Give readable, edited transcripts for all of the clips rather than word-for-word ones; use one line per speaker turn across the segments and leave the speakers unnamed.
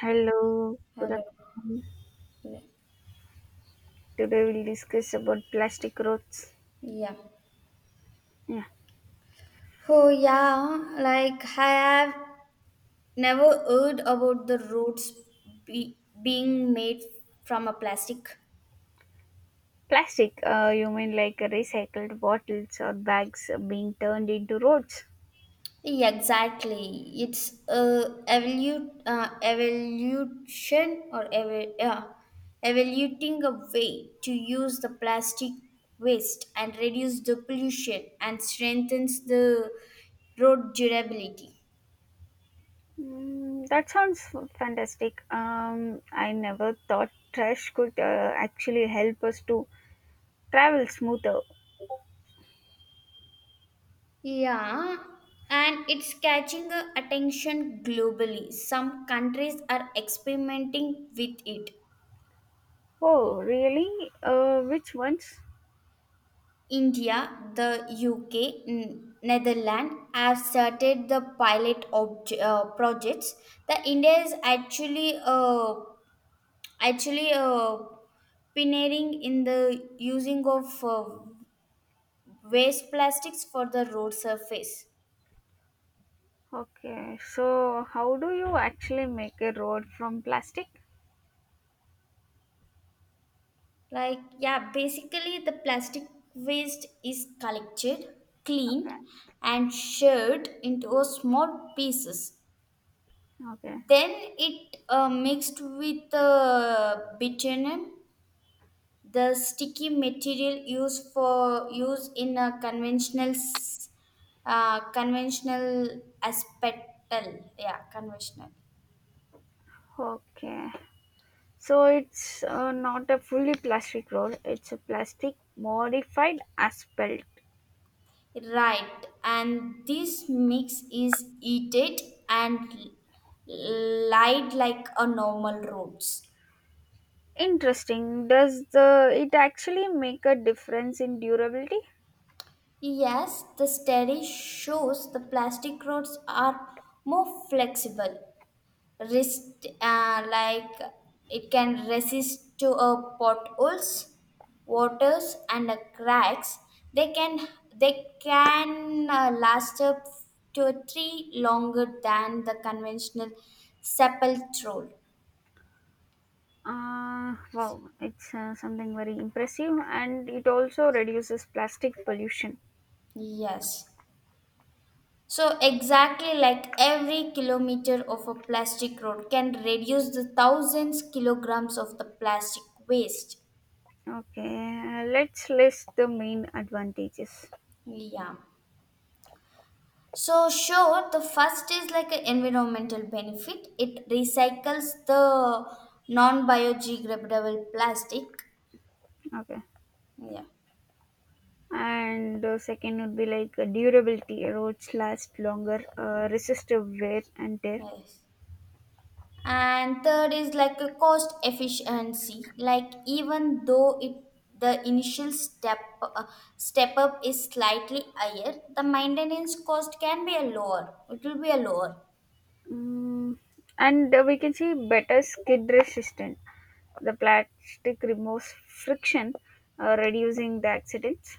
Hello, good
Hello.
afternoon. Today we'll discuss about plastic roads.
Yeah.
Yeah,
Oh, yeah. Like, I have never heard about the roads being made from a plastic.
plastic. You mean like recycled bottles or bags being turned into roads?
Yeah, exactly. It's a evolution or evoluting a way to use the plastic waste and reduce the pollution and strengthens the road durability.
Mm, that sounds fantastic. I never thought trash could actually help us to travel smoother.
Yeah, and it's catching attention globally. Some countries are experimenting with it.
Oh, really? Which ones?
India, the UK, Netherlands have started the pilot projects. The India is actually pioneering in the using of waste plastics for the road surface.
Okay, so how do you actually make a road from plastic?
Like, yeah, basically, the plastic waste is collected, cleaned, and shared into a small pieces.
Okay.
Then it mixed with bitumen, the sticky material used for use in a conventional aspetal. Yeah, conventional.
Okay. So it's not a fully plastic roll, it's a plastic modified asphalt.
Right, and this mix is eat it and light like a normal roads.
Interesting. Does the it actually make a difference in durability?
Yes, the study shows the plastic roads are more flexible resist it can resist to potholes waters and cracks they can they can last up to three longer than the conventional sepulchral.
Wow, it's something very impressive, and it also reduces plastic pollution.
Yes, so exactly, like every kilometer of a plastic road can reduce the thousands kilograms of the plastic waste.
Okay, let's list the main advantages.
Yeah. So sure, the first is like an environmental benefit. It recycles the non-biodegradable plastic.
Okay.
Yeah.
And second would be like durability. Roads last longer, resist the wear and tear.
Yes. And third is like a cost efficiency. Like even though it the initial step up is slightly higher, the maintenance cost can be a lower. It will be a lower.
Mm, and we can see better skid resistant. The plastic removes friction, reducing the accidents.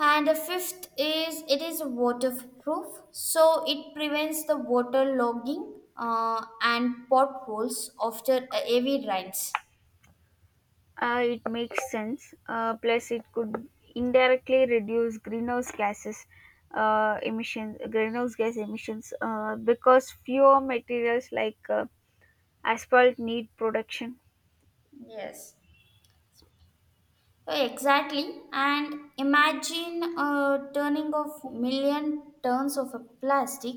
And the fifth is it is waterproof, so it prevents the water logging and potholes after heavy rains.
It makes sense. Plus, it could indirectly reduce greenhouse gas emissions, because fewer materials like asphalt need production.
Yes, so exactly. And imagine turning of million tons of a plastic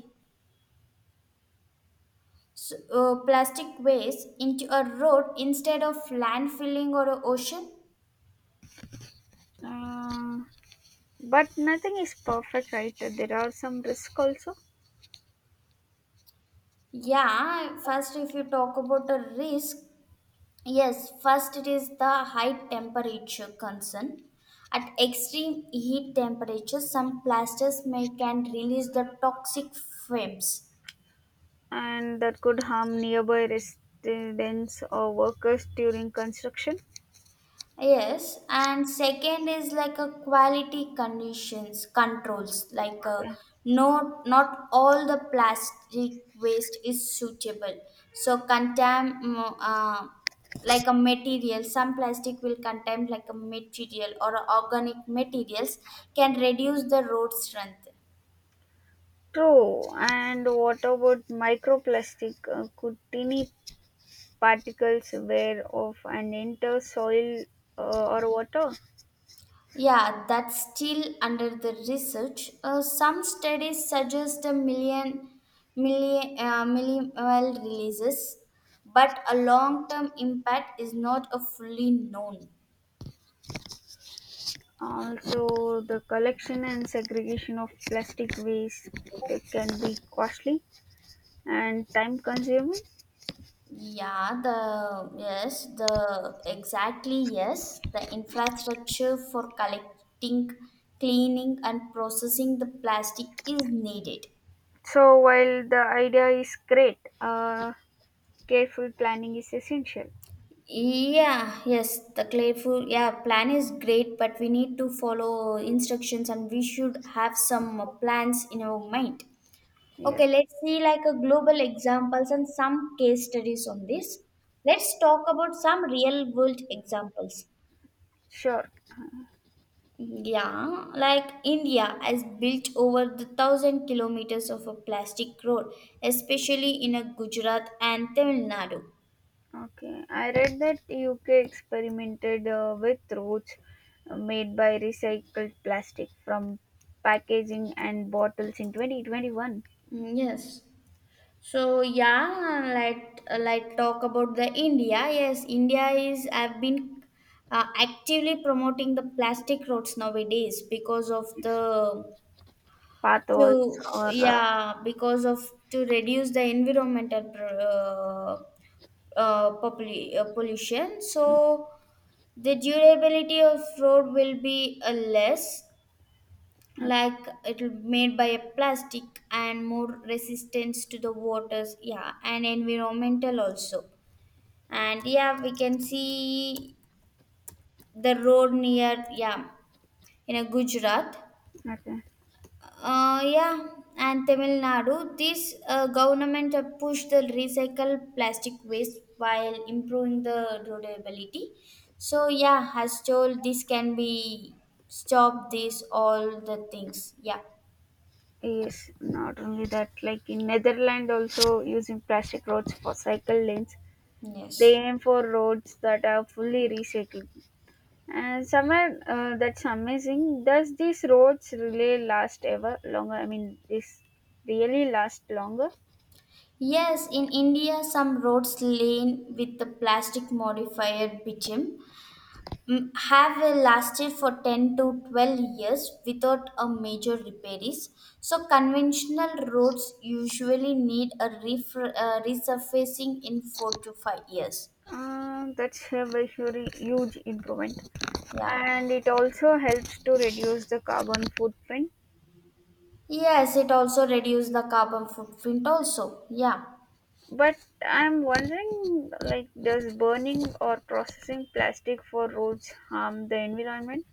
s- uh, plastic waste into a road instead of landfilling or a ocean.
Um, but nothing is perfect, right? There are some risks also.
Yeah, first if you talk about a risk, yes, first it is the high temperature concern. At extreme heat temperatures, some plastics may can release the toxic fumes.
And that could harm nearby residents or workers during construction.
Yes, and second is like a quality conditions controls like a
Okay.
not all the plastic waste is suitable. So like a material, some plastic will contain like a material or organic materials can reduce the road strength.
True. And what about microplastic? Could tiny particles wear off and enter soil or water?
Yeah, that's still under the research. Some studies suggest a million minimal releases, but a long-term impact is not a fully known.
Also, the collection and segregation of plastic waste, it can be costly and time consuming.
Yeah, the yes, the exactly yes, the infrastructure for collecting, cleaning, and processing the plastic is needed.
So, while the idea is great, careful planning is essential.
Yeah, yes, the playful, yeah, plan is great, but we need to follow instructions and we should have some plans in our mind.
Yeah,
Okay, let's see like a global examples and some case studies on this. Let's talk about some real world examples.
sure.
Yeah, like India has built over the thousand kilometers of a plastic road, especially in a Gujarat and Tamil Nadu.
Okay, I read that UK experimented with routes made by recycled plastic from packaging and bottles in 2021.
Mm, yes. So yeah, let talk about the India. Yes, India is I've been actively promoting the plastic roads nowadays because of the to,
Potholes or
yeah, because of to reduce the environmental pollution.
uh,
So the durability of road will be less,
okay.
like it'll made by a plastic and more resistance to the waters, yeah, and environmental also. And yeah, we can see the road near, yeah, in a Gujarat
Okay.
yeah and Tamil Nadu. This government have pushed the recycle plastic waste while improving the durability. So yeah, has told this can be stop this all the things. Yeah.
Yes, not only that, like in Netherlands also using plastic roads for cycle lanes. They
yes
aim for roads that are fully recycled. And somewhere that's amazing. Does these roads really last ever longer? I mean, this really last longer?
Yes, in India, some roads lane with the plastic modifier bitumen, mm, have lasted for 10 to 12 years without a major repairs. So, conventional roads usually need a resurfacing in 4 to 5 years.
That's a very very huge improvement,
Yeah.
and it also helps to reduce the carbon footprint.
Yes, it also reduces the carbon footprint also. Yeah.
But I'm wondering, like, does burning or processing plastic for roads harm the environment?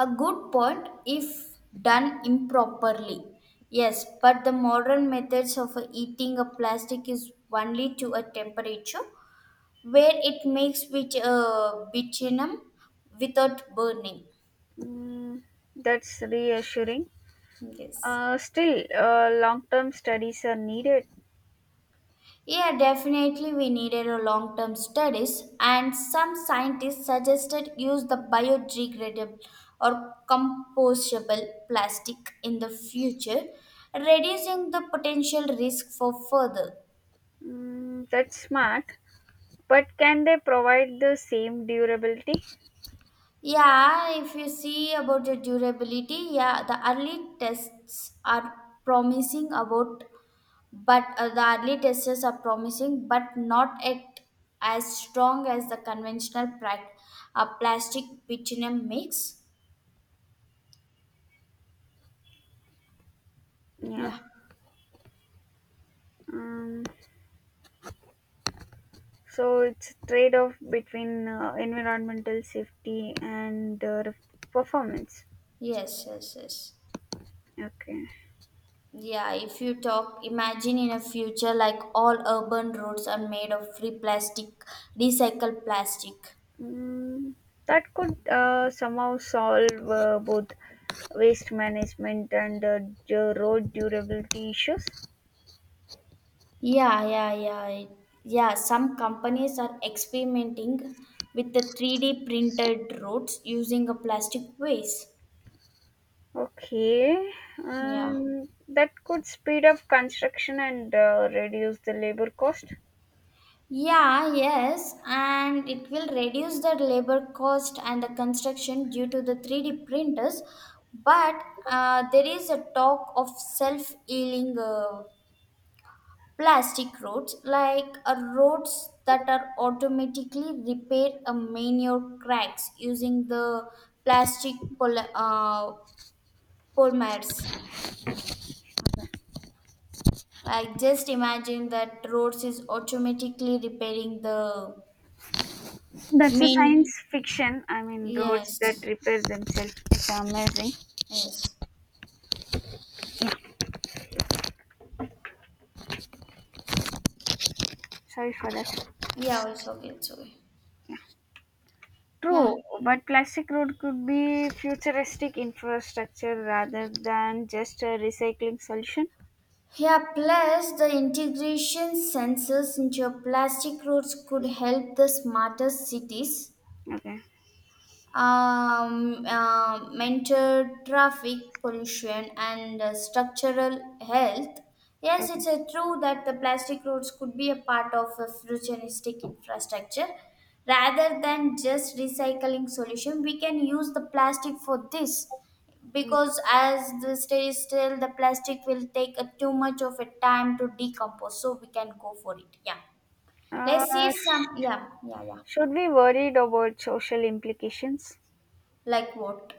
A good point if done improperly. Yes, but the modern methods of eating a plastic is only to a temperature where it makes with bitumen without burning.
Mm, that's reassuring.
Yes.
Still, long-term studies are needed.
Yeah, definitely we needed a long-term studies and some scientists suggested use the biodegradable or compostable plastic in the future, reducing the potential risk for further.
Mm, that's smart. But can they provide the same durability?
Yeah, if you see about the durability, yeah, the early tests are promising about, but the early tests are promising, but not at as strong as the plastic bitumen mix.
Yeah.
Yeah.
Um, so it's trade off between environmental safety and performance.
Yes, yes, yes.
Okay.
Yeah, if you talk, imagine in a future like all urban roads are made of free plastic, recycled plastic.
Mm, that could somehow solve both waste management and the road durability issues.
Yeah, yeah, yeah. it- Yeah, some companies are experimenting with the 3D printed roads using a plastic waste.
Okay.
Yeah.
That could speed up construction and reduce the labor cost.
Yeah, yes, and it will reduce the labor cost and the construction due to the 3D printers. But there is a talk of self healing plastic roads, like roads that are automatically repaired manure cracks using the plastic pol- uh, polymers. Like just imagine that roads is automatically repairing the
That's a
main.
science fiction. I mean, roads that
Yes,
repair themselves. It's amazing.
yes,
Sorry for that.
yeah. Also, it's okay. Yeah.
True, but plastic road could be futuristic infrastructure rather than just a recycling solution.
Yeah, plus the integration sensors into your plastic roads could help the smarter cities,
Okay.
mental traffic pollution and structural health. Yes, it's
Okay.
true that the plastic roads could be a part of a futuristic infrastructure. Rather than just recycling solution, we can use the plastic for this
Mm.
because as the stay still, the plastic will take a, too much of a time to decompose. So we can go for it. Yeah. Let's see
Uh, sh-
some. Yeah. Yeah.
should we worried about social implications?
Like what?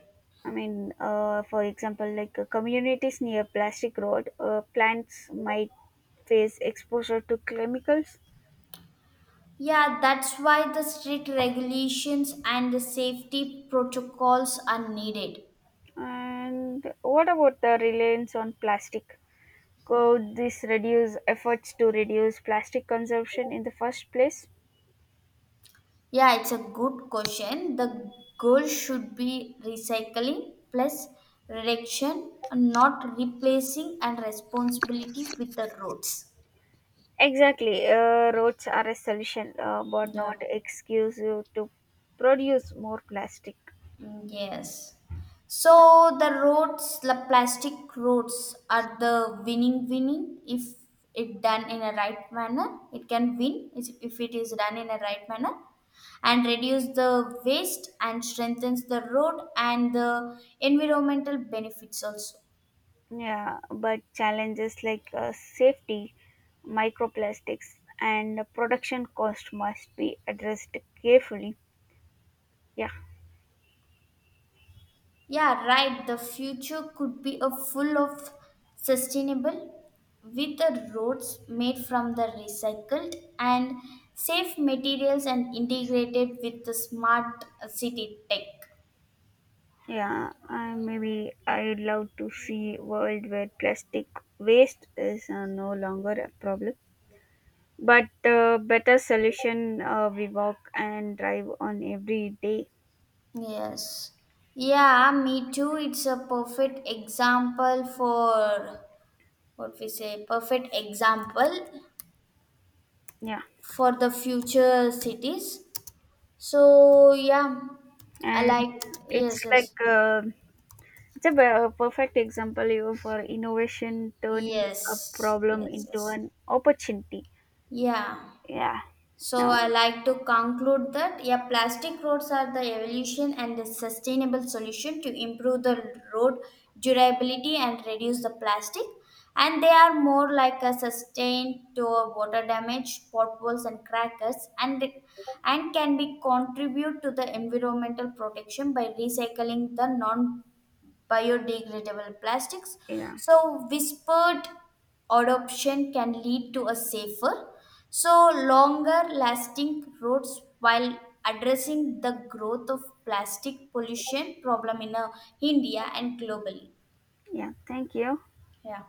I mean, for example, like communities near plastic road, plants might face exposure to chemicals.
Yeah, that's why the strict regulations and the safety protocols are needed.
And what about the reliance on plastic? Could this reduce efforts to reduce plastic consumption in the first place?
Yeah, it's a good question. The goal should be recycling plus reduction, and not replacing and responsibility with the roads.
Exactly, roads are a solution, but
Yeah.
not excuse you to produce more plastic.
Mm, yes. So the roads, the plastic roads are the winning. If it done in a right manner, it can if it is done in a right manner and reduce the waste and strengthens the road and the environmental benefits also.
Yeah, but challenges like safety, microplastics, and production cost must be addressed carefully. Yeah.
Yeah, right. The future could be a full of sustainable with the roads made from the recycled and safe materials and integrated with the smart city tech.
Yeah, and maybe I'd love to see a world where plastic waste is no longer a problem, but better solution we walk and drive on every day.
Yes. Yeah, me too. It's a perfect example for what we say, perfect example
Yeah,
for the future cities. So, yeah, I
and
like,
it's
yes,
like
yes.
it's a perfect example you for innovation turning a
Yes,
problem
yes,
into
yes.
an opportunity.
Yeah.
Yeah,
So
yeah,
I like to conclude that, yeah, plastic roads are the evolution and the sustainable solution to improve the road durability and reduce the plastic. And they are more like a sustain to a water damage, potholes and crackers, and can be contribute to the environmental protection by recycling the non biodegradable plastics.
yeah,
So, whispered adoption can lead to a safer, so longer lasting roads while addressing the growth of plastic pollution problem in India and globally.
yeah. Thank you.
Yeah.